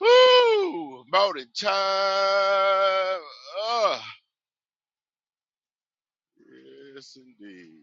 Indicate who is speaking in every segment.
Speaker 1: Woo! Morning time. Ah, yes, indeed.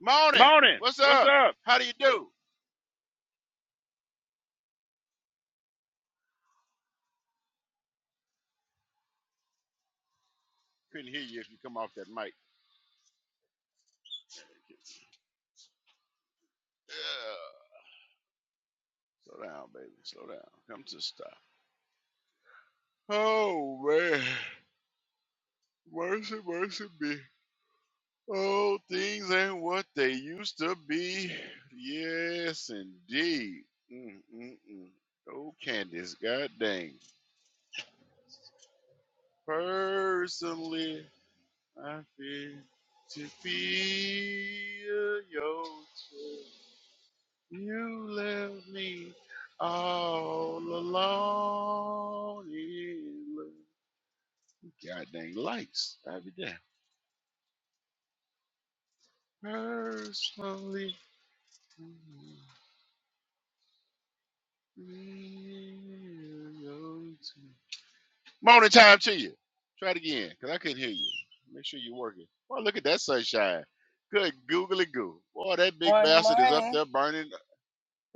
Speaker 1: Morning.
Speaker 2: Morning.
Speaker 1: What's
Speaker 2: What's
Speaker 1: up?
Speaker 2: up?
Speaker 1: How do you do? Couldn't hear you if you come off that mic. Yeah. Slow down, baby. Slow down. Come to a stop. Oh man. Mercy, mercy me. Oh, things ain't what they used to be. Yes, indeed. Mm-mm-mm. Oh, Candace, god dang. Personally, I feel to feel your touch. You left me all alone in love. God dang lights. I'll be there. Personally. mm, Morning time to you. Try it again, because I couldn't hear you. Make sure you're working. Boy, look at that sunshine. Good googly goo. Boy, that big
Speaker 2: Morning,
Speaker 1: bastard is up
Speaker 2: morning.
Speaker 1: there burning.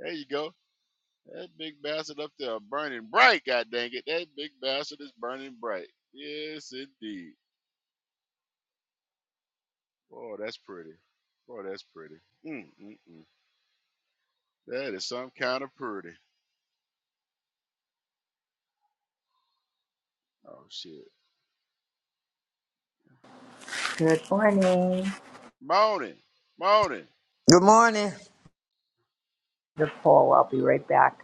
Speaker 1: There you go. That big bastard up there burning bright, god dang it. That big bastard is burning bright. Yes, indeed. Boy, that's pretty. Boy, that's pretty. Mm, mm, mm. That is some kind of pretty. Oh, shit.
Speaker 3: Good morning.
Speaker 1: Morning. Morning.
Speaker 4: Good morning.
Speaker 3: The poll. I'll be right back.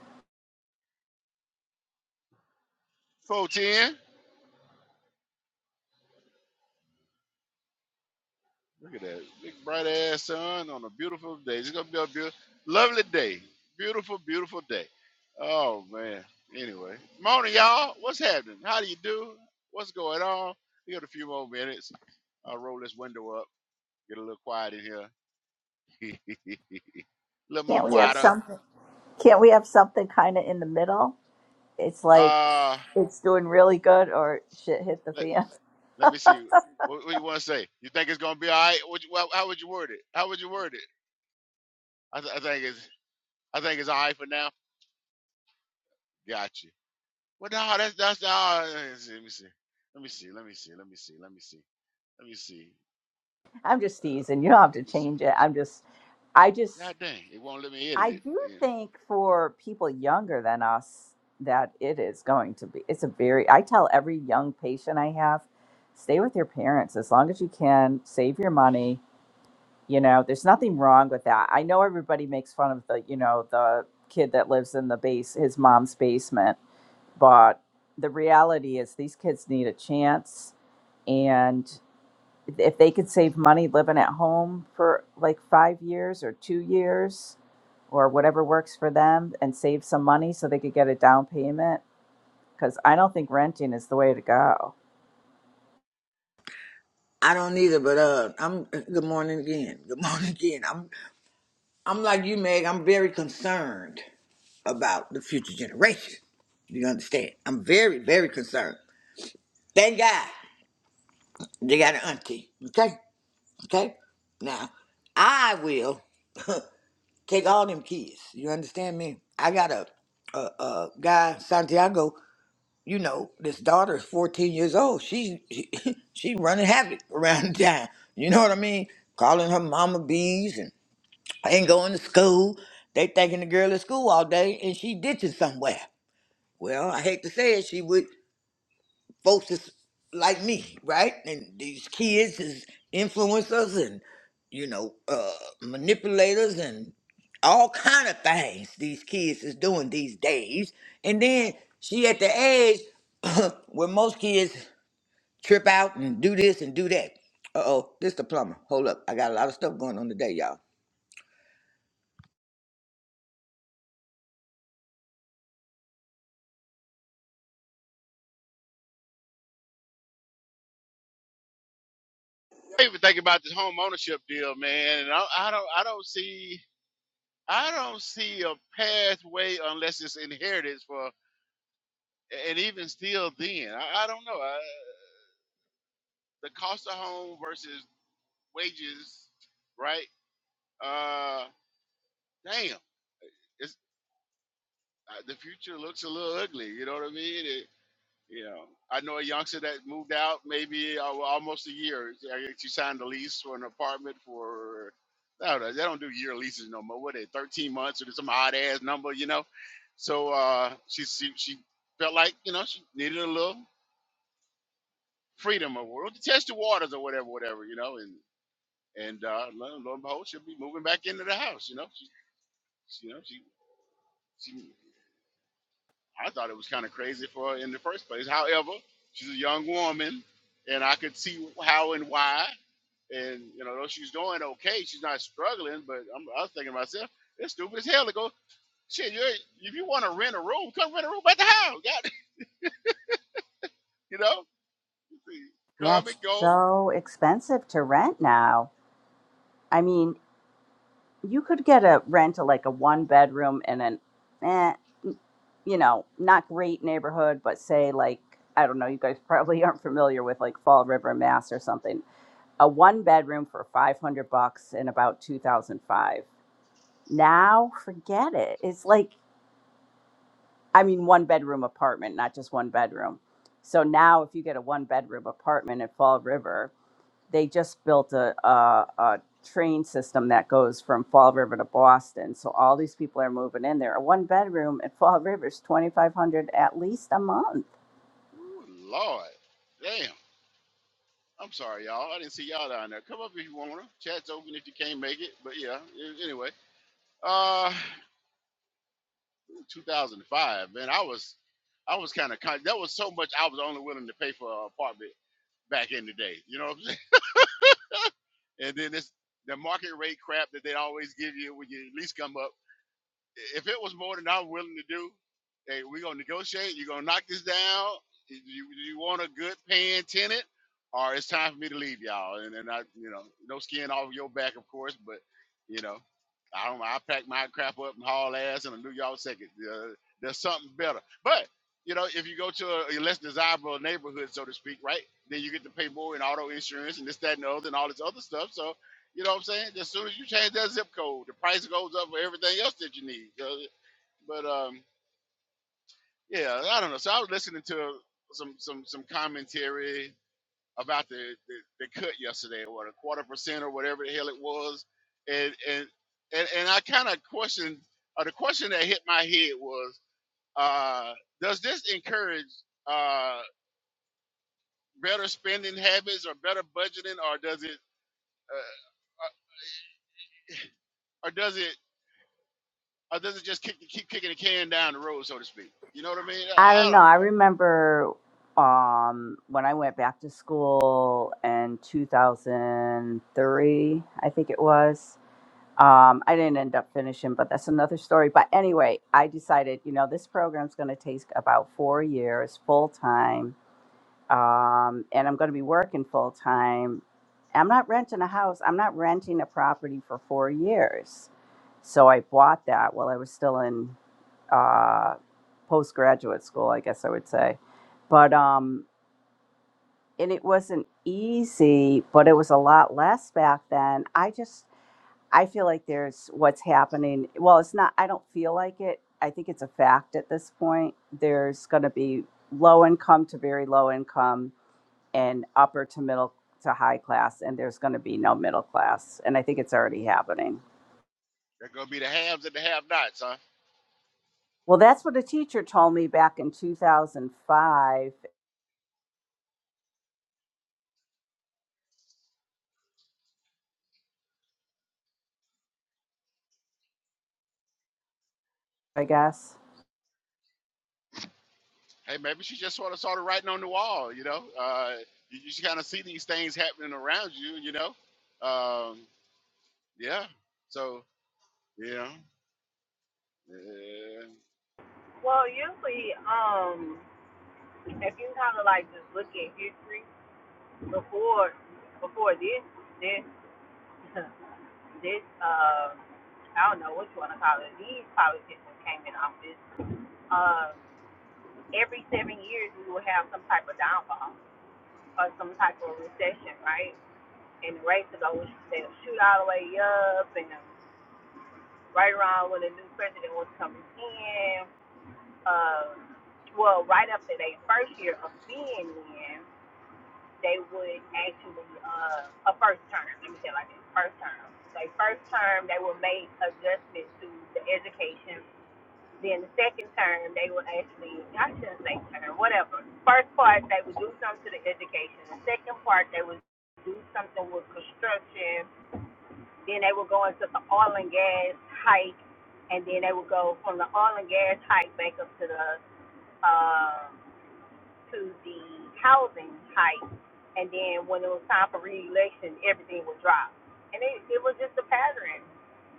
Speaker 1: 410. Look at that big bright ass sun on a beautiful day. It's gonna be a beautiful, lovely day. Beautiful, beautiful day. Oh man. Anyway, morning, y'all. What's happening? How do you do? What's going on? We got a few more minutes. I'll roll this window up. Get a little quiet in here. a little more
Speaker 3: Can't we have
Speaker 1: quieter.
Speaker 3: something? Can't we have something kind of in the middle? It's like
Speaker 1: Uh,
Speaker 3: it's doing really good or shit hit the
Speaker 1: let,
Speaker 3: fan.
Speaker 1: let me see. What, what you want to say? You think it's gonna be all right? Would you, how, how would you word it? How would you word it? I, th- I think it's I think it's all right for now. Gotcha. Well, no, that's that's uh, let me see, let me see, let me see, let me see, let me see, let me see,
Speaker 3: I'm just teasing. You don't have to
Speaker 1: let me see.
Speaker 3: change it. I'm just, I just,
Speaker 1: God dang, it won't let me edit
Speaker 3: I
Speaker 1: it.
Speaker 3: do
Speaker 1: Yeah.
Speaker 3: think for people younger than us that it is going to be. It's a very. I tell every young patient I have, stay with your parents as long as you can. Save your money You know, there's nothing wrong with that. I know everybody makes fun of the, you know, the kid that lives in the base, his mom's basement, but the reality is these kids need a chance. And if they could save money living at home for like five years or two years or whatever works for them and save some money so they could get a down payment, because I don't think renting is the way to go.
Speaker 4: I don't either, but uh, I'm good morning again. Good morning again. I'm I'm like you, Meg. I'm very concerned about the future generation. You understand? I'm very very concerned. Thank God they got an auntie. Okay, okay. Now I will take all them kids. You understand me? I got a a, a guy Santiago you know, this daughter is 14 years old. She she, she running havoc around town. You know what I mean? Calling her mama bees and ain't going to school. They thinking the girl at school all day and she ditching somewhere. Well, I hate to say it, she would folks is like me, right? And these kids is influencers and you know uh, manipulators and all kind of things these kids is doing these days. And then she at the age where most kids trip out and do this and do that. Uh oh, this the plumber. Hold up, I got a lot of stuff going on today, y'all.
Speaker 1: I even think about this home ownership deal, man, and I, I don't, I don't see, I don't see a pathway unless it's inheritance for, and even still, then I, I don't know. I, the cost of home versus wages, right? Uh, damn, it's uh, the future looks a little ugly. You know what I mean? You know, I know a youngster that moved out maybe uh, well, almost a year. I guess She signed a lease for an apartment for I don't know, they don't do year leases no more. What are they thirteen months or some odd ass number, you know. So uh, she, she she felt like you know she needed a little freedom or or to test the waters or whatever, whatever, you know. And and uh, lo, lo and behold, she'll be moving back into the house, you know. She, she you know she she. I thought it was kind of crazy for her in the first place. However, she's a young woman, and I could see how and why. And you know, though she's doing okay, she's not struggling. But I'm, I was thinking to myself, it's stupid as hell to go. Shit, you if you want to rent a room, come rent a room at the house. God, you know,
Speaker 3: Yeah,
Speaker 1: come
Speaker 3: it's
Speaker 1: and go.
Speaker 3: so expensive to rent now. I mean, you could get a rent a like a one bedroom in an eh, you know not great neighborhood but say like i don't know you guys probably aren't familiar with like fall river mass or something a one bedroom for 500 bucks in about 2005 now forget it it's like i mean one bedroom apartment not just one bedroom so now if you get a one bedroom apartment at fall river they just built a, a, a train system that goes from Fall River to Boston. So all these people are moving in there. A one bedroom at Fall River is 2500 at least a month.
Speaker 1: Ooh, Lord, damn. I'm sorry, y'all. I didn't see y'all down there. Come up if you wanna. Chat's open if you can't make it. But yeah, anyway. Uh, 2005, man, I was I was kind of con- that was so much I was only willing to pay for an apartment back in the day. You know what I'm saying? And then this the market rate crap that they always give you when you at least come up if it was more than I'm willing to do, hey, we're gonna negotiate. You're gonna knock this down. You, you want a good paying tenant, or it's time for me to leave y'all. And and I, you know, no skin off your back, of course, but you know, I don't. I pack my crap up and haul ass, and I knew y'all second. Uh, there's something better, but. You know, if you go to a, a less desirable neighborhood, so to speak, right? Then you get to pay more in auto insurance and this, that, and the other, and all this other stuff. So you know what I'm saying? As soon as you change that zip code, the price goes up for everything else that you need. So, But um, yeah, I don't know. So I was listening to some some some commentary about the, the, the cut yesterday, or a quarter percent, or whatever the hell it was, and and and, and I kind of questioned. Uh, the question that hit my head was, uh, does this encourage uh, better spending habits or better budgeting, or does it uh, uh, or does it or does it just kick, keep kicking the can down the road, so to speak? You know what I mean?
Speaker 3: I
Speaker 1: I
Speaker 3: don't know.
Speaker 1: don't
Speaker 3: I
Speaker 1: know.
Speaker 3: remember um, when I went back to school in 2003, I think it was. Um, I didn't end up finishing, but that's another story. But anyway, I decided, you know, this program's going to take about four years full time um, and I'm going to be working full time. I'm not renting a house. I'm not renting a property for four years. So I bought that while I was still in uh, postgraduate school, I guess I would say. But um, and it wasn't easy, but it was a lot less back then. I just I feel like there's what's happening. Well, it's not. I don't feel like it. I think it's a fact at this point. There's going to be low income to very low income and upper to middle to high class, and there's going to be no middle class. And I think it's already happening.
Speaker 1: They're gonna be the haves and the have-nots, huh?
Speaker 3: Well, that's what a teacher told me back in 2005, I guess.
Speaker 1: Hey, maybe she just sort of saw the writing on the wall. You know, uh, you, just kind of see these things happening around you. You know, um, yeah. So yeah, yeah.
Speaker 2: Well, usually, um, if you kind of like just look at history before, before this, this, this, uh, I don't know what you want to call it. These politicians came in office. Uh, every seven years, we will have some type of downfall or some type of recession, right? And the rates will go, they'll shoot all the way up, and right around when the new president was coming in, um, well, right after their first year of being in, they would actually, uh, a first term, let me say it like this, first term. They first term, they will make adjustments to the education. Then the second term, they will actually, I shouldn't say term, whatever. First part, they would do something to the education. The second part, they would do something with construction. Then they would go into the oil and gas hike. And then they would go from the oil and gas hike back up to the, um, to the housing hike, and then when it was time for reelection, everything would drop. And it, it was just a pattern.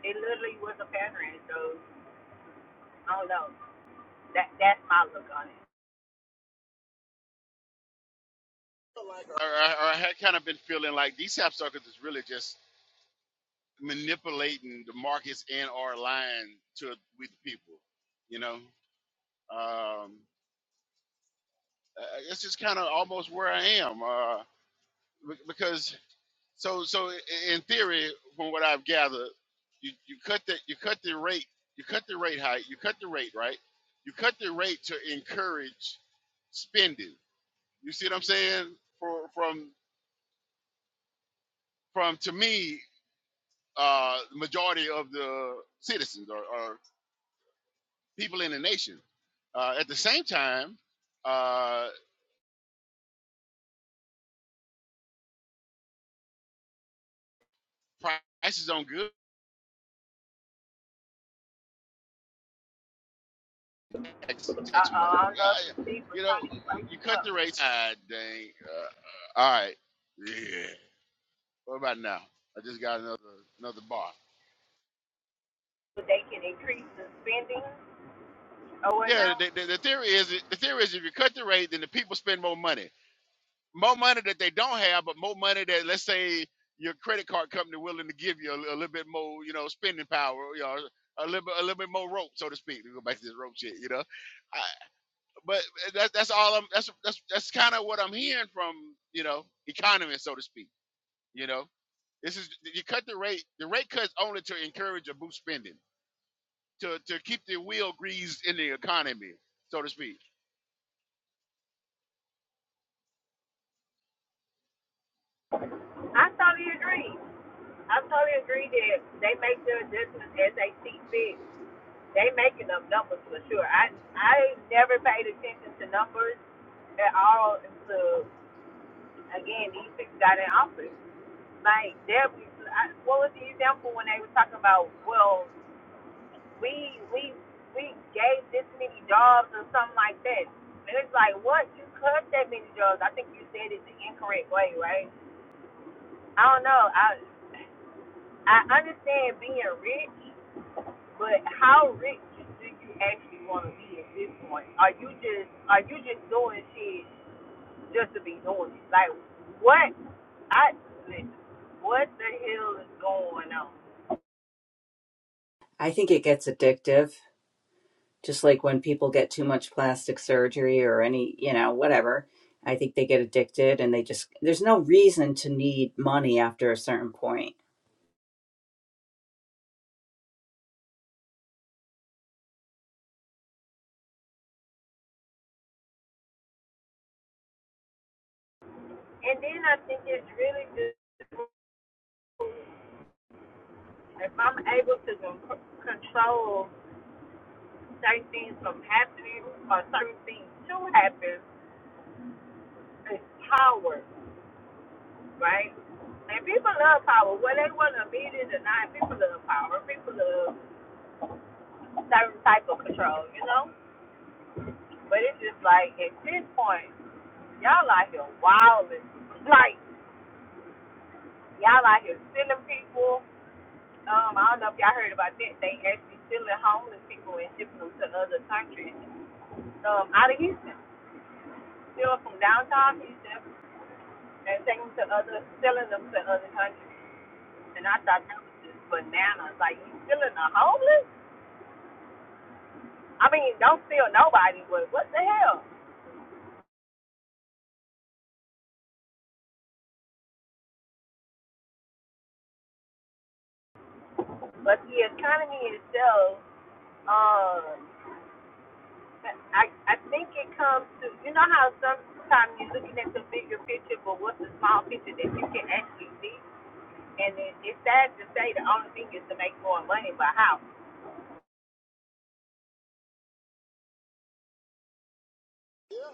Speaker 2: It literally was a pattern. So I don't know. That that's my look on it.
Speaker 1: Or, or, or I had kind of been feeling like these sap suckers is really just manipulating the markets in our line to with the people. You know, um, uh, it's just kind of almost where I am. Uh, Be- because so so in theory, from what I've gathered, you, you cut the you cut the rate you cut the rate high you cut the rate right you cut the rate to encourage spending. You see what I'm saying? For, from from to me, uh, majority of the citizens or, or people in the nation. Uh, at the same time, uh, prices on goods. tax,
Speaker 2: Uh, uh,
Speaker 1: tax money.
Speaker 2: I don't know if
Speaker 1: Yeah,
Speaker 2: you
Speaker 1: yeah.
Speaker 2: see, but
Speaker 1: you know,
Speaker 2: trying to
Speaker 1: you,
Speaker 2: bring
Speaker 1: you
Speaker 2: this
Speaker 1: cut
Speaker 2: up.
Speaker 1: the rates. Ah, dang. Uh, all right. Yeah. What about now? I just got another another bar.
Speaker 2: But they can increase the spending or
Speaker 1: Yeah.
Speaker 2: whatnot.
Speaker 1: The, the, the theory is the theory is if you cut the rate, then the people spend more money, more money that they don't have, but more money that let's say your credit card company willing to give you a, a little bit more, you know, spending power, you know, a little bit, a little bit more rope, so to speak. To go back to this rope shit, you know. I, but that's that's all I'm that's that's that's kind of what I'm hearing from you know economists, so to speak. You know, this is you cut the rate. The rate cuts only to encourage or boost spending to to keep the wheel greased in the economy, so to speak.
Speaker 2: I totally agree. I totally agree that they make their adjustments as they see fit. They making up numbers for sure. I I never paid attention to numbers at all until again these people got in office. Like there, was, I, what was the example when they were talking about? Well, we we we gave this many jobs or something like that, and it's like what you cut that many jobs? I think you said it the incorrect way, right? I don't know. I I understand being rich But how rich do you actually want to be at this point? Are you just are you just doing shit just to be doing it? Like what? I listen, what the hell is going on?
Speaker 3: I think it gets addictive, just like when people get too much plastic surgery or any, you know, whatever. I think they get addicted and they just, there's no reason to need money after a certain point.
Speaker 2: And then I think it's really just if I'm able to con- control certain things from happening or certain things to happen, it's power, right? And people love power. Whether they want to admit it or not, people love power. People love some type of control, you know? But it's just like at this point, y'all out here wilding. Like, y'all out here stealing people. Um, I don't know if y'all heard about that. They actually stealing homeless people and shipping them to other countries. Um, out of Houston. Stealing from downtown Houston and taking them to other selling them to other countries. And I thought that was just bananas. Like you stealing a homeless? I mean, don't steal nobody, but what the hell? But the economy itself Uh, I I think it comes to you know how sometimes you're looking at the bigger picture, but what's the small picture that you can actually see? And it, it's sad to say the only thing is to make more money, but how?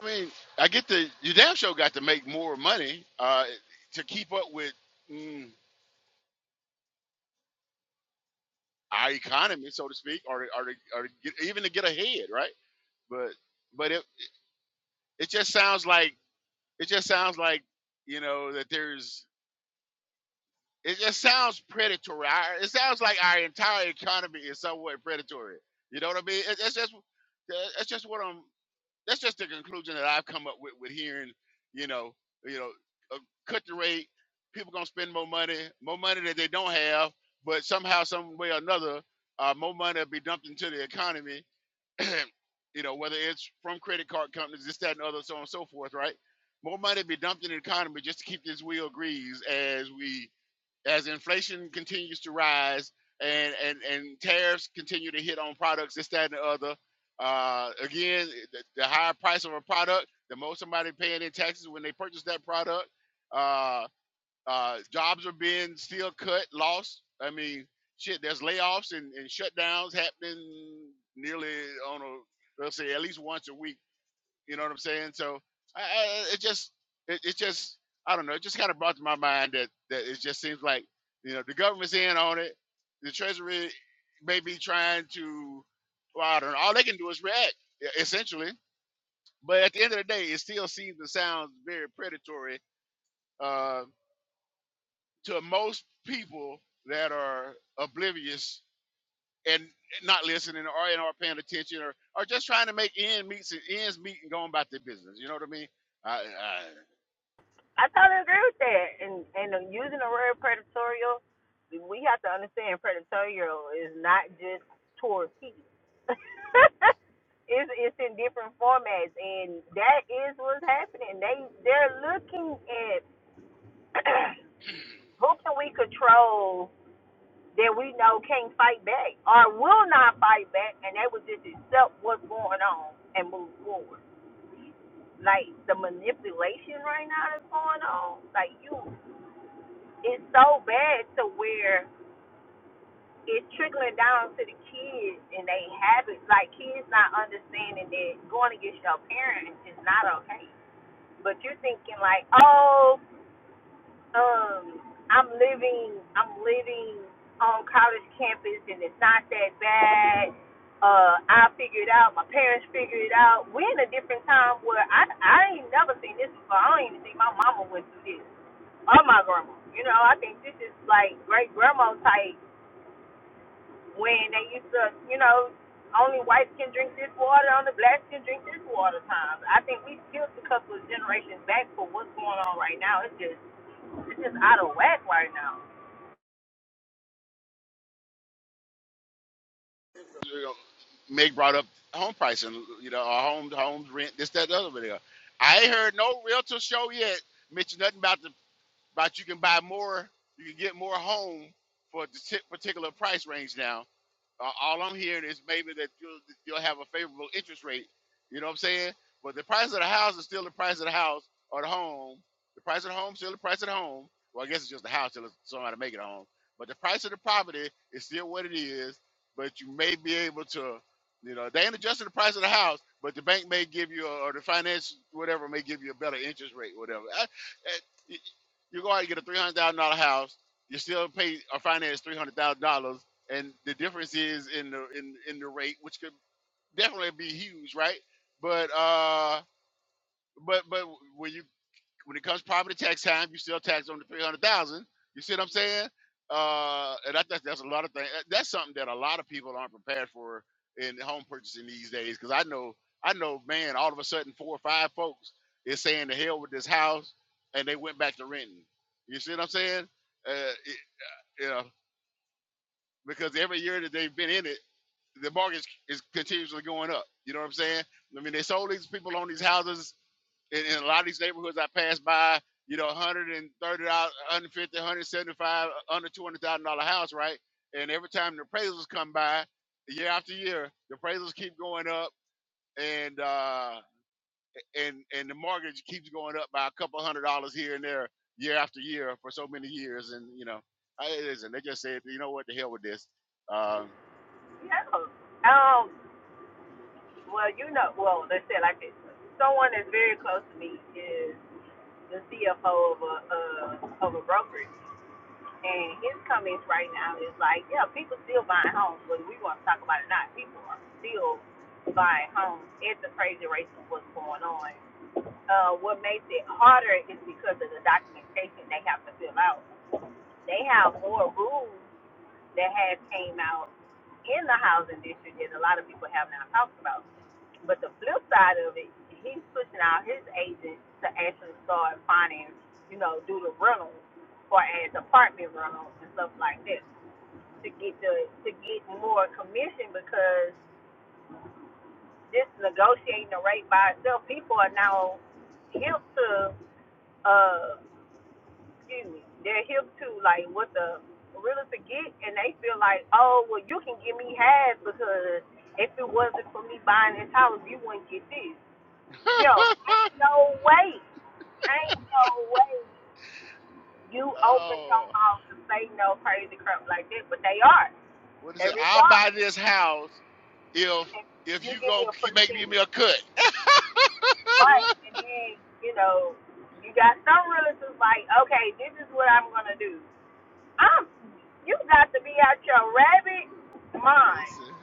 Speaker 1: I mean, I get the you damn show got to make more money uh, to keep up with mm, our economy, so to speak, or or, or to get, even to get ahead, right? But but it it just sounds like it just sounds like you know that there's It, it sounds predatory. Our- It sounds like our entire economy is somewhat predatory. You know what I mean? It, it's just that- that's just what I'm. That's just the conclusion that I've come up with with hearing. You know, you know, uh, cut the rate. People gonna spend more money, more money that they don't have, but somehow, some way or another, uh, more money will be dumped into the economy. you know, whether it's from credit card companies, this, that, and other, so on and so forth. Right? More money be dumped in the economy just to keep this wheel greased as we as inflation continues to rise and and and tariffs continue to hit on products this that and the other uh again the, the higher price of a product the more somebody paying in taxes when they purchase that product uh uh jobs are being still cut lost i mean shit there's layoffs and, and shutdowns happening nearly on a let's say at least once a week you know what I'm saying? So I, I, it just it, it just I don't know. It just kind of brought to my mind that that it just seems like you know the government's in on it. The Treasury may be trying to well, I don't know. All they can do is react e- essentially. But at the end of the day, it still seems and sounds very predatory uh, to most people that are oblivious and not listening or and aren't paying attention or, are just trying to make ends meet, ends meet and going about their business. You know what I mean? I, I,
Speaker 2: I totally agree with that. And and uh, using the word predatorial, we have to understand predatorial is not just towards people. it's it's in different formats, and that is what's happening. They they're looking at. Who can we control that we know can't fight back or will not fight back and they would just accept what's going on and move forward? Like the manipulation right now that's going on, like you, it's so bad to where it's trickling down to the kids and they habits. Like kids not understanding that going against your parents is not okay. But you're thinking like, oh, um I'm living I'm living on college campus and it's not that bad. Uh I figured it out, my parents figured it out. We're in a different time where I I ain't never seen this before. I don't even think my mama went through this. Or my grandma. You know, I think this is like great grandma type when they used to, you know, only whites can drink this water, only blacks can drink this water times. I think we skipped a couple of generations back for what's going on right now. It's just it's just out of whack right now.
Speaker 1: you know, Meg brought up home pricing, you know, our home homes rent, this, that, the other video. I ain't heard no realtor show yet mention nothing about the about you can buy more, you can get more home for a partic- particular price range now uh, all I'm hearing is maybe that you'll you'll have a favorable interest rate. You know what I'm saying? But the price of the house is still the price of the house or the home. The price of the home is still the price of the home. Well, I guess it's just the house till it's- somebody make it a home. But the price of the property is still what it is. But you may be able to, you know, they ain't adjusting the price of the house, but the bank may give you or the finance whatever may give you a better interest rate, whatever. I, I, you you go out and get a three hundred thousand dollar house. You still pay or finance three hundred thousand dollars and the difference is in the in in the rate, which could definitely be huge, right? But uh, but but when you when it comes property tax time, you still tax on the three hundred thousand. You see what I'm saying? Uh, and I think that's a lot of things. That's something that a lot of people aren't prepared for in home purchasing these days. Because I know I know, man, all of a sudden four or five folks is saying to hell with this house, and they went back to renting. You see what I'm saying? Uh, it, you know, because every year that they've been in it the mortgage is continuously going up. You know what I'm saying? I mean, they sold these people on these houses in, in a lot of these neighborhoods I passed by. You know, 130, 150, 175, under 200 thousand dollar house, right? And every time the appraisals come by, year after year, the appraisals keep going up, and uh, and and the mortgage keeps going up by a couple hundred dollars here and there, year after year for so many years. And you know, I, it isn't. They just said, you know what, the hell with this. Um,
Speaker 2: No. Um. Well, you know. Well, let's say it like this. Someone that's very close to me is the CFO of a uh, of a brokerage, and his comments right now is like, yeah, people still buying homes, whether we want to talk about it or not. People are still buying homes at the crazy rates of what's going on. Uh, what makes it harder is because of the documentation they have to fill out. They have more rules that have came out in the housing district that a lot of people have not talked about. But the flip side of it, he's pushing out his agents to actually start finding, you know, do the rentals for as apartment rentals and stuff like that to get the to get more commission because just negotiating the rate by itself, people are now hip to uh excuse me, they're hip to like what the realtor get, and they feel like, oh, well, you can give me half because if it wasn't for me buying this house, you wouldn't get this. Yo, ain't no way, ain't no way you open your
Speaker 1: oh.
Speaker 2: mouth to say no crazy crap like that, but they are,
Speaker 1: What is
Speaker 2: they
Speaker 1: it?
Speaker 2: really
Speaker 1: I'll
Speaker 2: are.
Speaker 1: buy this house if
Speaker 2: And
Speaker 1: if
Speaker 2: you
Speaker 1: you
Speaker 2: give
Speaker 1: gonna
Speaker 2: me a
Speaker 1: make me
Speaker 2: percentage,
Speaker 1: a cut.
Speaker 2: right? And then you know. You got some realtors like, okay, this is what I'm gonna do. I'm, you got to be out your rabbit mind.
Speaker 1: That's it.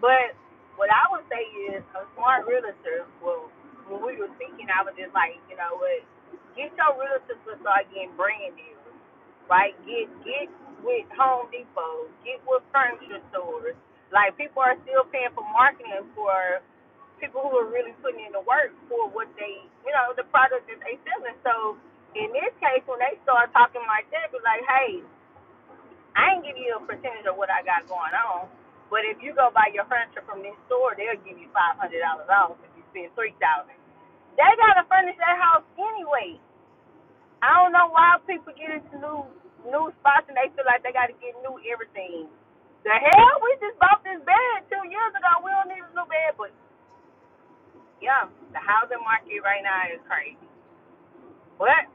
Speaker 2: But what I would say is a smart realtor. Well, when we were speaking, I was just like, you know what? Get your realtors to start getting brand deals, right? Get get with Home Depot, get with furniture stores. Like people are still paying for marketing for people who are really putting in the work for what they, you know, the product that they selling. So in this case, when they start talking like that, be like, hey, I ain't give you a percentage of what I got going on, but if you go buy your furniture from this store, they'll give you five hundred dollars off if you spend three thousand. They gotta furnish that house anyway. I don't know why people get into new new spots and they feel like they gotta get new everything. The hell, we just bought this bed two years ago. We don't need a new bed, but yeah, the housing market right now is crazy. But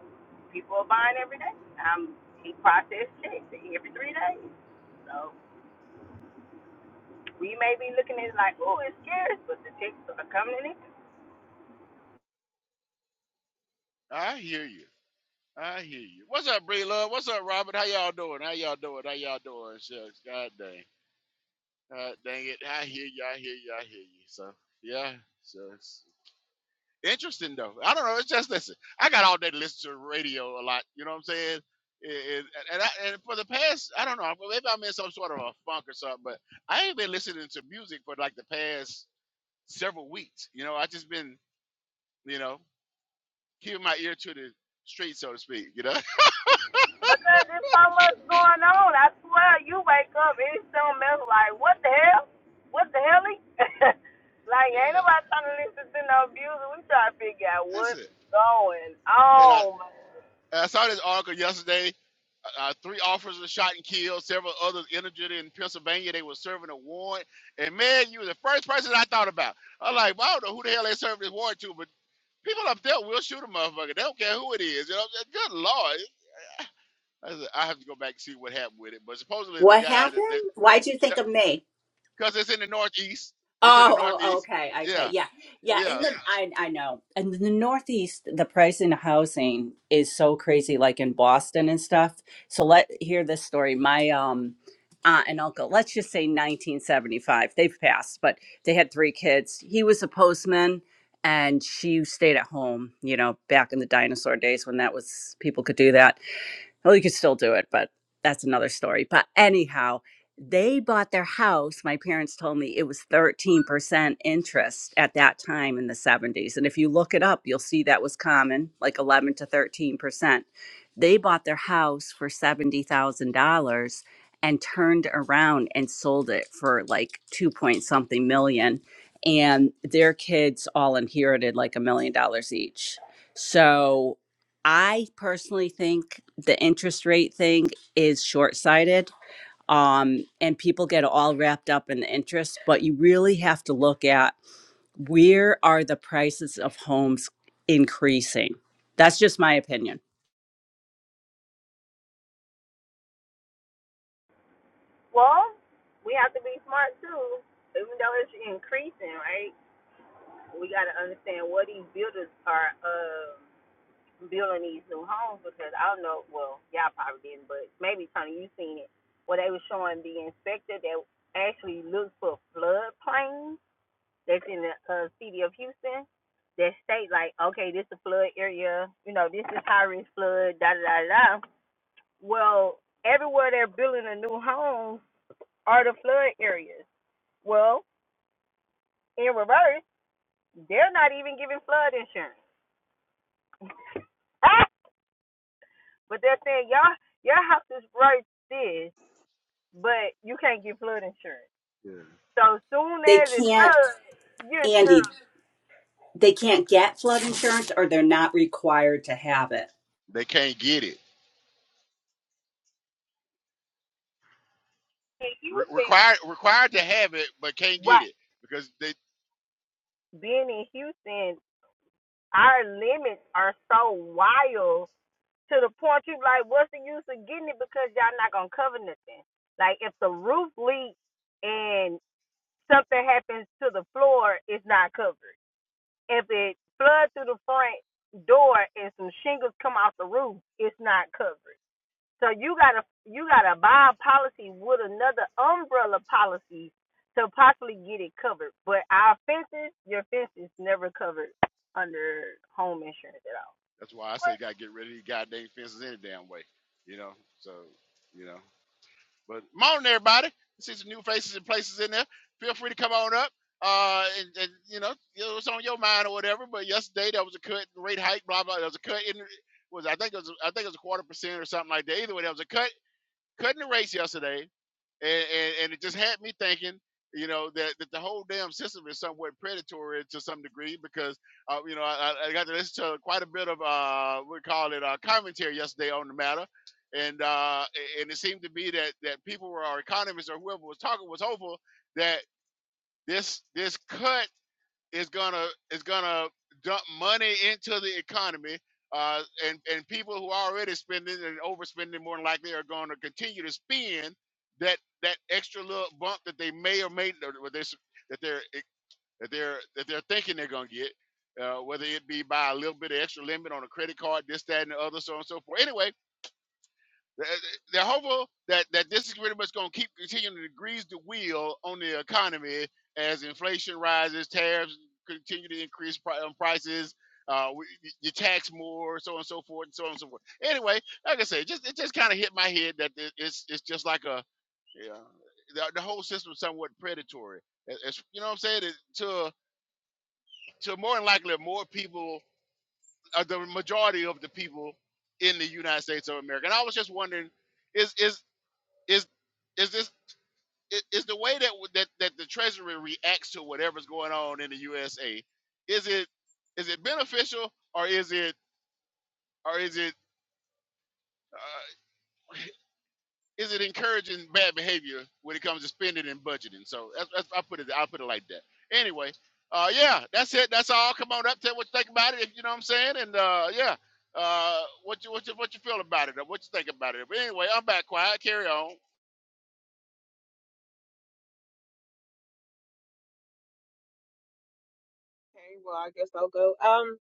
Speaker 2: people are buying every day. Um, he processed checks every three days, so. We may be looking at it like, oh, it's scary, but the texts are coming in.
Speaker 1: I hear you. I hear you. What's up, Bree Love? What's up, Robert? How y'all doing? How y'all doing? How y'all doing? Shucks. God dang. God dang it. I hear you. I hear you. I hear you. So yeah. So it's interesting though. I don't know. It's just listen. I got all day to listen to radio a lot. You know what I'm saying? And, and, I, and for the past, I don't know. Maybe I'm in some sort of a funk or something, but I ain't been listening to music for like the past several weeks. You know, I just been, you know, keeping my ear to the street, so to speak. You know,
Speaker 2: Because there's so much going on. I swear, you wake up and it's something else like, what the hell? What the hell? is-" like, ain't
Speaker 1: yeah,
Speaker 2: nobody trying to listen to no music. We try to figure out
Speaker 1: that's
Speaker 2: what's
Speaker 1: it.
Speaker 2: going
Speaker 1: And I,
Speaker 2: on.
Speaker 1: I saw this article yesterday. Uh, uh, three officers were shot and killed. Several others injured in Pennsylvania. They were serving a warrant. And man, you were the first person I thought about. I'm like, well, I don't know who the hell they served this warrant to, but people up there will shoot a motherfucker. They don't care who it is. You know, good lord. I, said, I have to go back and see what happened with it. But supposedly the
Speaker 3: What
Speaker 1: guy that,
Speaker 3: happened?
Speaker 1: that
Speaker 3: Why'd you think of me?
Speaker 1: because it's in the Northeast, it's in the
Speaker 3: Oh, oh, oh,
Speaker 1: Northeast.
Speaker 3: okay,
Speaker 1: Yeah.
Speaker 3: okay, yeah, yeah. In the,
Speaker 1: Yes,
Speaker 3: I, I know. In the Northeast, the price in housing is so crazy, like in Boston and stuff. So let hear this story. My um aunt and uncle, let's just say 1975. They've passed, but they had three kids. He was a postman, and she stayed at home. You know, back in the dinosaur days when that was people could do that well, you could still do it, but that's another story. But anyhow, they bought their house. My parents told me it was 13% interest at that time in the 70s. And if you look it up, you'll see that was common, like 11 to 13%. They bought their house for $70,000 and turned around and sold it for like 2 point something million. And their kids all inherited like a million dollars each. So I personally think the interest rate thing is short sighted. Um, and people get all wrapped up in the interest, but you really have to look at where are the prices of homes increasing. That's just my opinion.
Speaker 2: Well, we have to be smart too. Even though it's increasing, right? We got to understand what these builders are. Uh, building these new homes because I don't know. Well, y'all probably didn't, but maybe Tony, you seen it where they were showing the inspector that actually looks for floodplains that's in the uh, city of Houston that state like, okay, this is a flood area, you know, this is high risk flood, da da da da. Well, everywhere they're building a new home are the flood areas. Well, in reverse, they're not even giving flood insurance, but they're saying y'all your house is worth this but you can't get flood insurance.
Speaker 1: Yeah.
Speaker 2: So soon
Speaker 3: They
Speaker 2: as it
Speaker 3: can't,
Speaker 2: floods, you're
Speaker 3: Andy,
Speaker 2: screwed.
Speaker 3: they can't get flood insurance or they're not required to have it.
Speaker 1: they can't get it.
Speaker 2: In
Speaker 1: Re-
Speaker 2: Houston,
Speaker 1: required required to have it, but can't get
Speaker 2: right?
Speaker 1: it because they.
Speaker 2: Being in Houston, our limits are so wild to the point you like, what's the use of getting it because y'all not gonna cover nothing. Like if the roof leaks and something happens to the floor, it's not covered. If it floods through the front door and some shingles come off the roof, it's not covered. So you gotta you gotta buy a policy with another umbrella policy to possibly get it covered. But our fences, your fences, never covered under home insurance at all.
Speaker 1: That's why I say,
Speaker 2: But
Speaker 1: gotta get rid of these goddamn fences any damn way. You know. So, you know. But morning, everybody. See some new faces and places in there. Feel free to come on up. Uh, and, and you know, you know, what's on your mind or whatever. But yesterday there was a cut rate hike. Blah blah. There was a cut in. Was I think it was I think it was a quarter percent or something like that. Either way, there was a cut cut in the rates yesterday. and, and and it just had me thinking you know that, that the whole damn system is somewhat predatory to some degree because uh, you know I, I got to listen to quite a bit of uh, we call it uh, commentary yesterday on the matter, and uh, and it seemed to be that that people were, or our economists or whoever was talking was hopeful that this this cut is gonna is gonna dump money into the economy, uh, and and people who are already spending and overspending more than likely are going to continue to spend that that extra little bump that they may or may or that they're that they're eh, that they're that they're thinking they're gonna get, uh, whether it be by a little bit of extra limit on a credit card, this that and the other, so on and so forth. Anyway Th- They're hopeful that, that this is pretty much going to keep continuing to grease the wheel on the economy as inflation rises, tariffs continue to increase pri- um, prices, uh, you tax more, so on and so forth, and so on and so forth. Anyway, like I say, just it just kind of hit my head that it's it's just like a yeah, the, the whole system is somewhat predatory. It- It's, you know what I'm saying? It, to to more than likely more people, uh, the majority of the people in the United States of America. And I was just wondering, is is is is this i- is the way that w- that that the Treasury reacts to whatever's going on in the USA? Is it is it beneficial or is it or is it uh, is it encouraging bad behavior when it comes to spending and budgeting? So that's, that's I put it I put it like that. Anyway, uh, yeah, that's it. That's all. Come on up, tell what you think about it. If you know what I'm saying, and uh, yeah. Uh, what you what you what you feel about it? Or what you think about it? But anyway, I'm back quiet. Carry on.
Speaker 5: Okay, well, I guess I'll go. Um,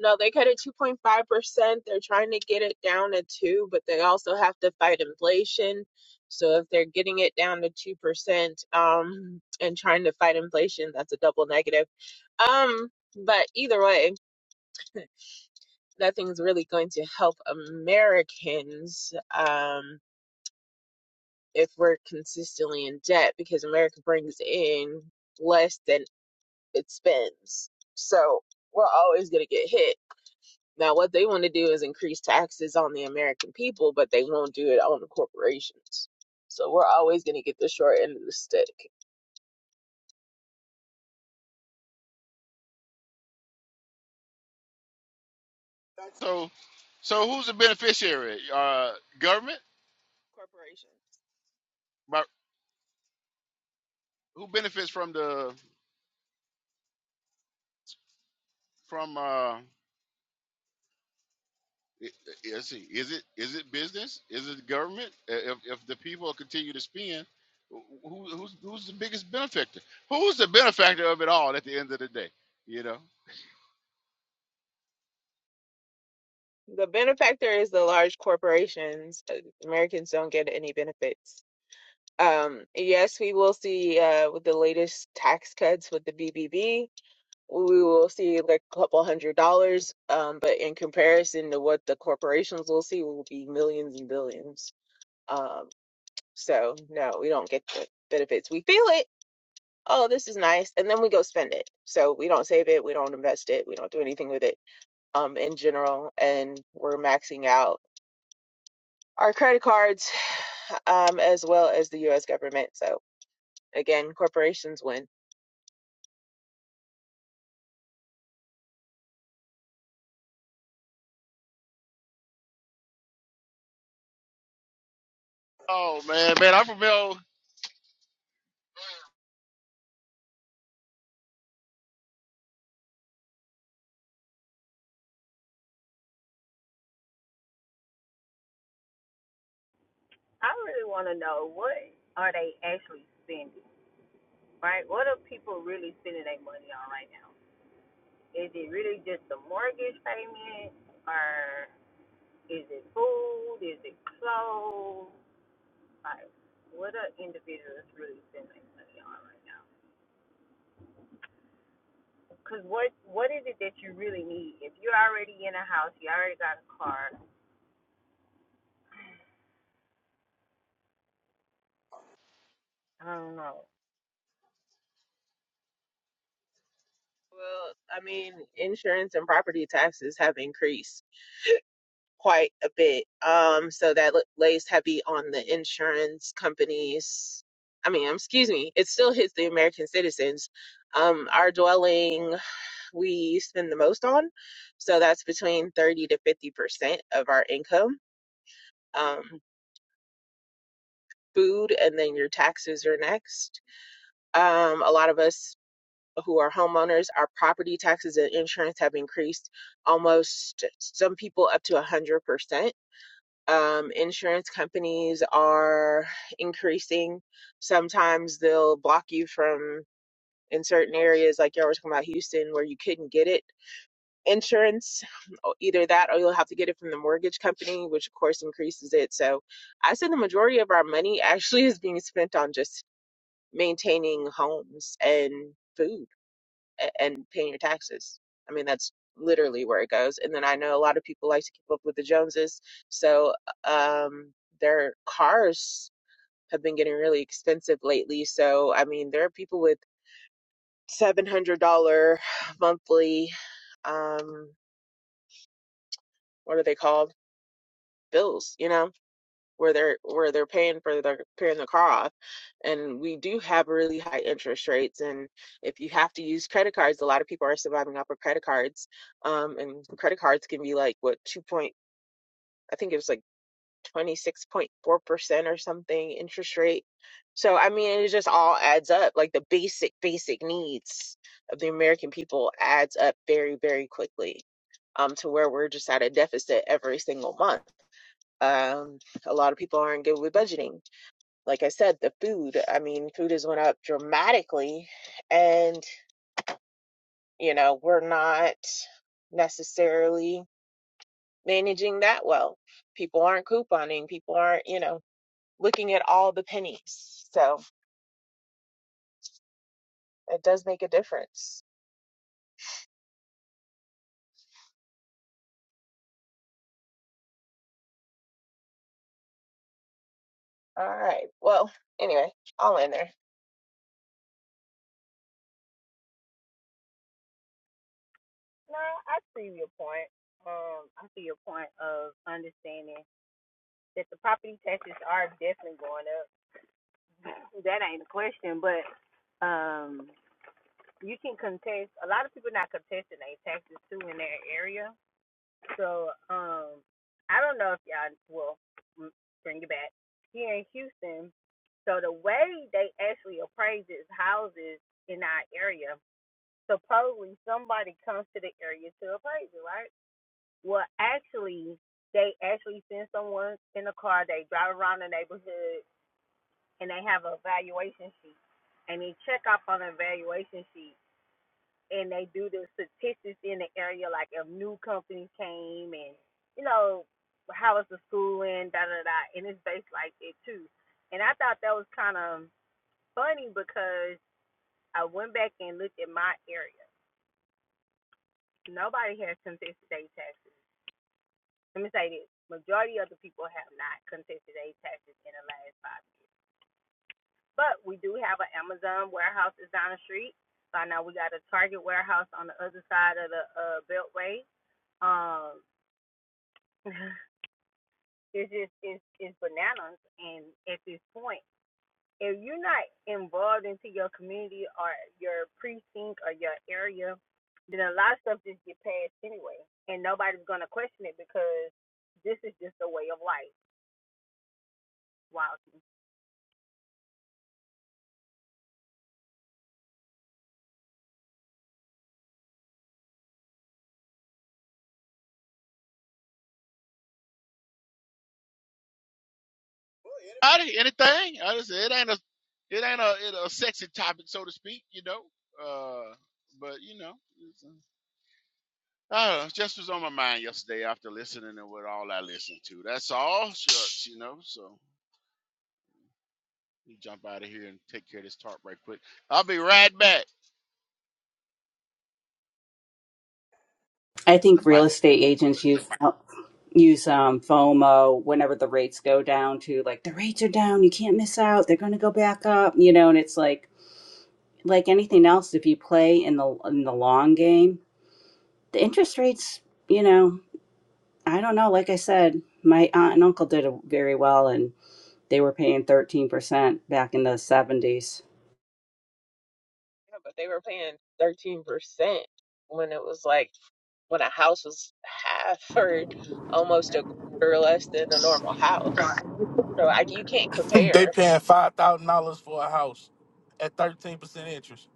Speaker 5: no, they cut it 2.5%. They're trying to get it down to 2, but they also have to fight inflation. So if they're getting it down to 2%, um, and trying to fight inflation, that's a double negative. Um, but either way, nothing's really going to help Americans, um, if we're consistently in debt because America brings in less than it spends. So we're always going to get hit Now, what they want to do is increase taxes on the American people, but they won't do it on the corporations. So we're always going to get the short end of the stick.
Speaker 1: So, so who's the beneficiary? Uh, government?
Speaker 5: Corporations.
Speaker 1: But who benefits from the from? Uh, i- let's see. Is it is it business? Is it government? Uh, If if the people continue to spend, wh- who who's who's the biggest benefactor? Who's the benefactor of it all at the end of the day? You know.
Speaker 5: The benefactor is the large corporations. Uh, Americans don't get any benefits. Um, yes, we will see uh, with the latest tax cuts with the BBB, we will see like a couple hundred dollars. Um, but in comparison to what the corporations will see, will be millions and billions. Um, So no, we don't get the benefits. We feel it. Oh, this is nice, and then we go spend it. So we don't save it, we don't invest it, we don't do anything with it. Um, in general, and we're maxing out our credit cards, um, as well as the U.S. government. So again, corporations win.
Speaker 1: Oh man, man, I'm from El.
Speaker 2: I really want to know what are they actually spending, right? What are people really spending their money on right now? Is it really just the mortgage payment, or is it food? Is it clothes? Like, what are individuals really spending their money on right now? Cause what what is it that you really need? If you're already in a house, you already got a car. I don't know.
Speaker 5: Well, I mean, insurance and property taxes have increased. quite a bit. Um, so that l- lays heavy on the insurance companies. I mean, um, excuse me, it still hits the American citizens. Um, our dwelling we spend the most on, so that's between 30 to 50 percent of our income. Um, food, and then your taxes are next. Um, a lot of us who are homeowners, our property taxes and insurance have increased almost some people up to 100%. um, insurance companies are increasing. Sometimes they'll block you from in certain areas, like y'all were talking about Houston, where you couldn't get it insurance, or either that or you'll have to get it from the mortgage company, which of course increases it. So I said the majority of our money actually is being spent on just maintaining homes and food a- and paying your taxes. I mean, that's literally where it goes. And then I know a lot of people like to keep up with the Joneses, so uh, um, their cars have been getting really expensive lately. So I mean, there are people with seven hundred dollar monthly um, what are they called? Bills, you know where they're where they're paying for their paying the car off and we do have really high interest rates and if you have to use credit cards a lot of people are surviving off of credit cards um and credit cards can be like what two point i think it was like 26.4% or something interest rate so i mean it just all adds up like the basic basic needs of the american people adds up very very quickly um to where we're just at a deficit every single month um a lot of people aren't good with budgeting like I said, the food, I mean, food has went up dramatically and, you know, we're not necessarily managing that well. People aren't couponing, people aren't, you know, looking at all the pennies. So it does make a difference. All right. Well, anyway, all in there.
Speaker 2: No, I see your point. Um, I see your point of understanding that the property taxes are definitely going up. That ain't a question, but um, you can contest. A lot of people not contesting their taxes too in their area. So, um, I don't know if y'all will bring it back here in Houston. So the way they actually appraises houses in our area, supposedly somebody comes to the area to appraise it, right? Well, actually, they actually send someone in a car. They drive around the neighborhood and they have a valuation sheet, and they check up on the valuation sheet and they do the statistics in the area, like if new companies came and you know how was the schooling, da da da, and it's based like it too. And I thought that was kind of funny because I went back and looked at my area. Nobody has contested their taxes. Let me say this: majority of the people have not contested their taxes in the last five years. But we do have an Amazon warehouse that's down the street. By now, we got a Target warehouse on the other side of the uh, Beltway. Um, It's just it's it's bananas. And at this point, if you're not involved into your community or your precinct or your area, then a lot of stuff just get passed anyway, and nobody's gonna question it because this is just a way of life. Wow.
Speaker 1: Howdy, anything? I just it ain't a it ain't a, it a sexy topic so to speak. You know. Uh, but you know. Uh, just was on my mind yesterday after listening to what all I listened to. That's all, shucks, you know. So we jump out of here and take care of this talk right quick. I'll be right back.
Speaker 3: I
Speaker 1: The
Speaker 3: think real
Speaker 1: mic.
Speaker 3: estate agents use use um, FOMO whenever the rates go down to like the rates are down, you can't miss out. They're going to go back up, you know. And it's like like anything else, if you play in the in the long game, the interest rates, you know, I don't know. Like I said, my aunt and uncle did very well, and they were paying thirteen percent back in the seventies.
Speaker 5: Yeah, but they were paying 13% when it was like when a house was half or almost a quarter less than a normal house. So I, you can't
Speaker 6: They
Speaker 5: compare.
Speaker 6: paying five thousand dollars for a house at thirteen percent interest.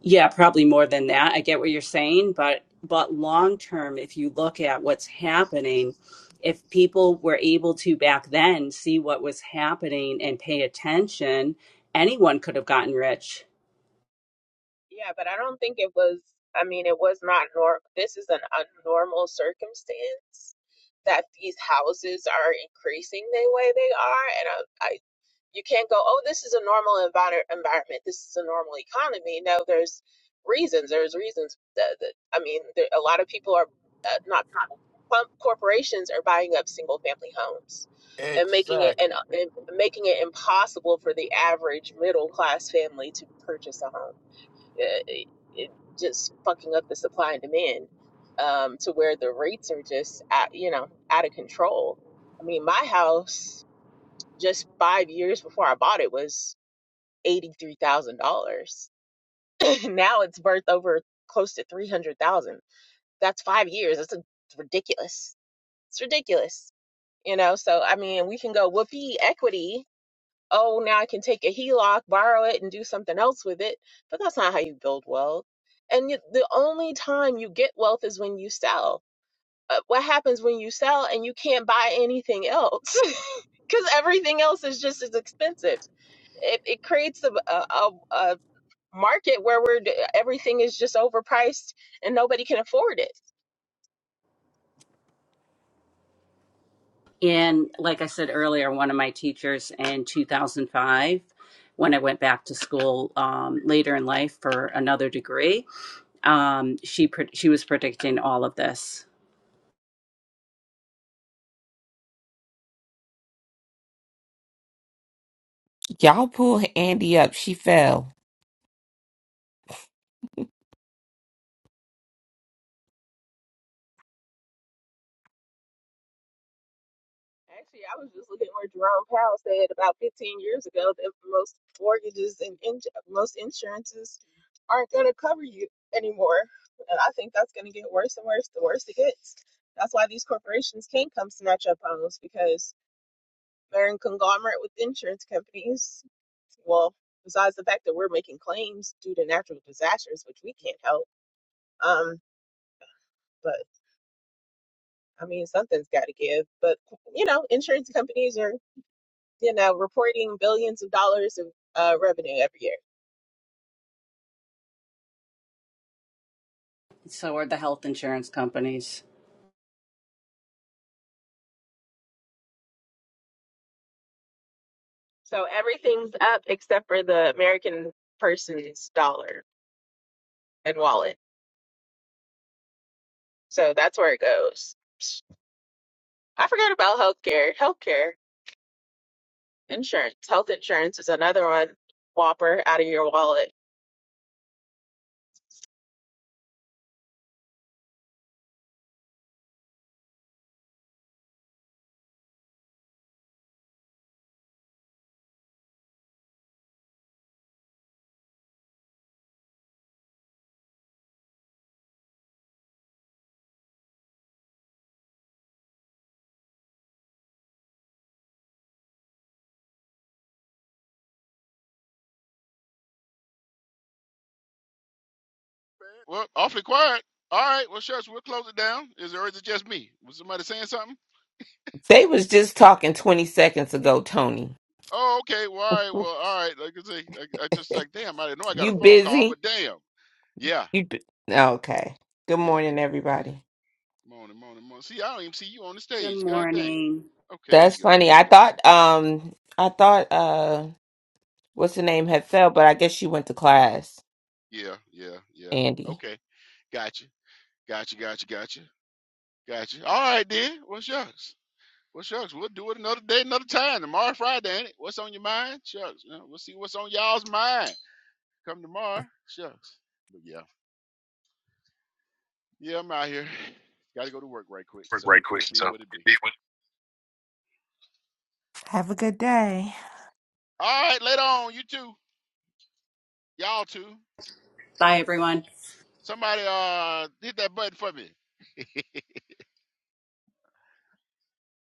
Speaker 3: Yeah, probably more than that. I get what you're saying, but but long term, if you look at what's happening, if people were able to back then see what was happening and pay attention, anyone could have gotten rich.
Speaker 5: Yeah, but I don't think it was, I mean, it was not norm. This is an abnormal circumstance that these houses are increasing the way they are. And I, I you can't go, oh, this is a normal envir- environment. This is a normal economy. No, there's reasons. There's reasons that, that I mean, there, a lot of people are uh, not, com- corporations are buying up single family homes and making it
Speaker 6: Exactly.
Speaker 5: and, and making it impossible for the average middle class family to purchase a home it, it just fucking up the supply and demand um, to where the rates are just at, you know out of control. I mean, my house just five years before I bought it was eighty three thousand dollars. Now it's worth over close to three hundred thousand. That's five years. That's a, it's ridiculous. It's ridiculous. You know, so I mean, we can go whoopee equity oh, now I can take a HELOC, borrow it, and do something else with it. But that's not how you build wealth. And yet the only time you get wealth is when you sell. Uh, what happens when you sell and you can't buy anything else? Because everything else is just as expensive. It, it creates a, a, a, a market where we're, d- everything is just overpriced and nobody can afford it
Speaker 3: And like I said earlier, one of my teachers in 2005, when I went back to school um, later in life for another degree, um, she pre- she was predicting all of this.
Speaker 7: Y'all pull Andy up. She fell.
Speaker 5: Actually, I was just looking where Jerome Powell said about 15 years ago that most mortgages and in- most insurances aren't going to cover you anymore. And I think that's going to get worse and worse the worse it gets. That's why these corporations can come snatch up homes because they're in conglomerate with insurance companies. Well, besides the fact that we're making claims due to natural disasters, which we can't help. Um, but I mean, something's got to give. But, you know, insurance companies are you know, reporting billions of dollars of uh, revenue every year.
Speaker 3: So are the health insurance companies.
Speaker 5: So everything's up except for the American person's dollar and wallet. So that's where it goes. I forgot about healthcare. Healthcare insurance. Health insurance is another one. Whopper out of your wallet.
Speaker 1: Well, awfully quiet. All right. Well, shucks, we'll close it down. Is there, or is it just me? Was somebody saying something?
Speaker 7: They was just talking 20 seconds ago, Tony.
Speaker 1: Oh, okay. Well, all right. Well, all right. Like I say, I, I just like, damn, I didn't know I got a
Speaker 7: You
Speaker 1: phone call,
Speaker 7: busy?
Speaker 1: but damn. Yeah.
Speaker 7: You bu- okay. Good
Speaker 1: Yeah.
Speaker 7: morning, everybody.
Speaker 1: Morning, morning, morning. See, I don't even see you on the
Speaker 3: Good
Speaker 1: stage. God dang.
Speaker 3: morning.
Speaker 1: Okay. There
Speaker 7: That's
Speaker 1: you go.
Speaker 7: funny.
Speaker 1: There you
Speaker 7: I
Speaker 1: go.
Speaker 7: thought um I thought uh, what's the name had fell, but I guess she went to class,
Speaker 1: Yeah. Yeah. Yeah.
Speaker 7: Andy.
Speaker 1: Okay. Gotcha. Gotcha, gotcha, gotcha, gotcha. All right, then. Well, shucks. Well, shucks. We'll do it another day, another time. Tomorrow, Friday, ain't it? What's on your mind? Shucks. You know, we'll see what's on y'all's mind. Come tomorrow. Shucks. But yeah, yeah, I'm out here. Got to go to work right quick. So
Speaker 7: Great
Speaker 1: it
Speaker 7: question.
Speaker 1: be
Speaker 7: So,
Speaker 1: what it
Speaker 7: it-
Speaker 1: be.
Speaker 7: it Have a good day.
Speaker 1: All right, later on. You too. Y'all too.
Speaker 3: Bye, everyone.
Speaker 1: Somebody uh hit that button for me.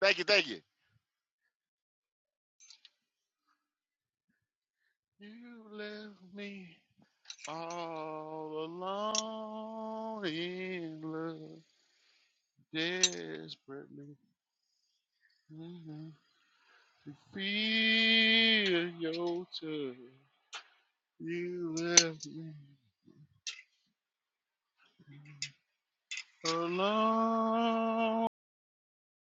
Speaker 1: Thank you, thank you. You left me all alone in love, desperately. Mhm. To feel your touch, you left me alone.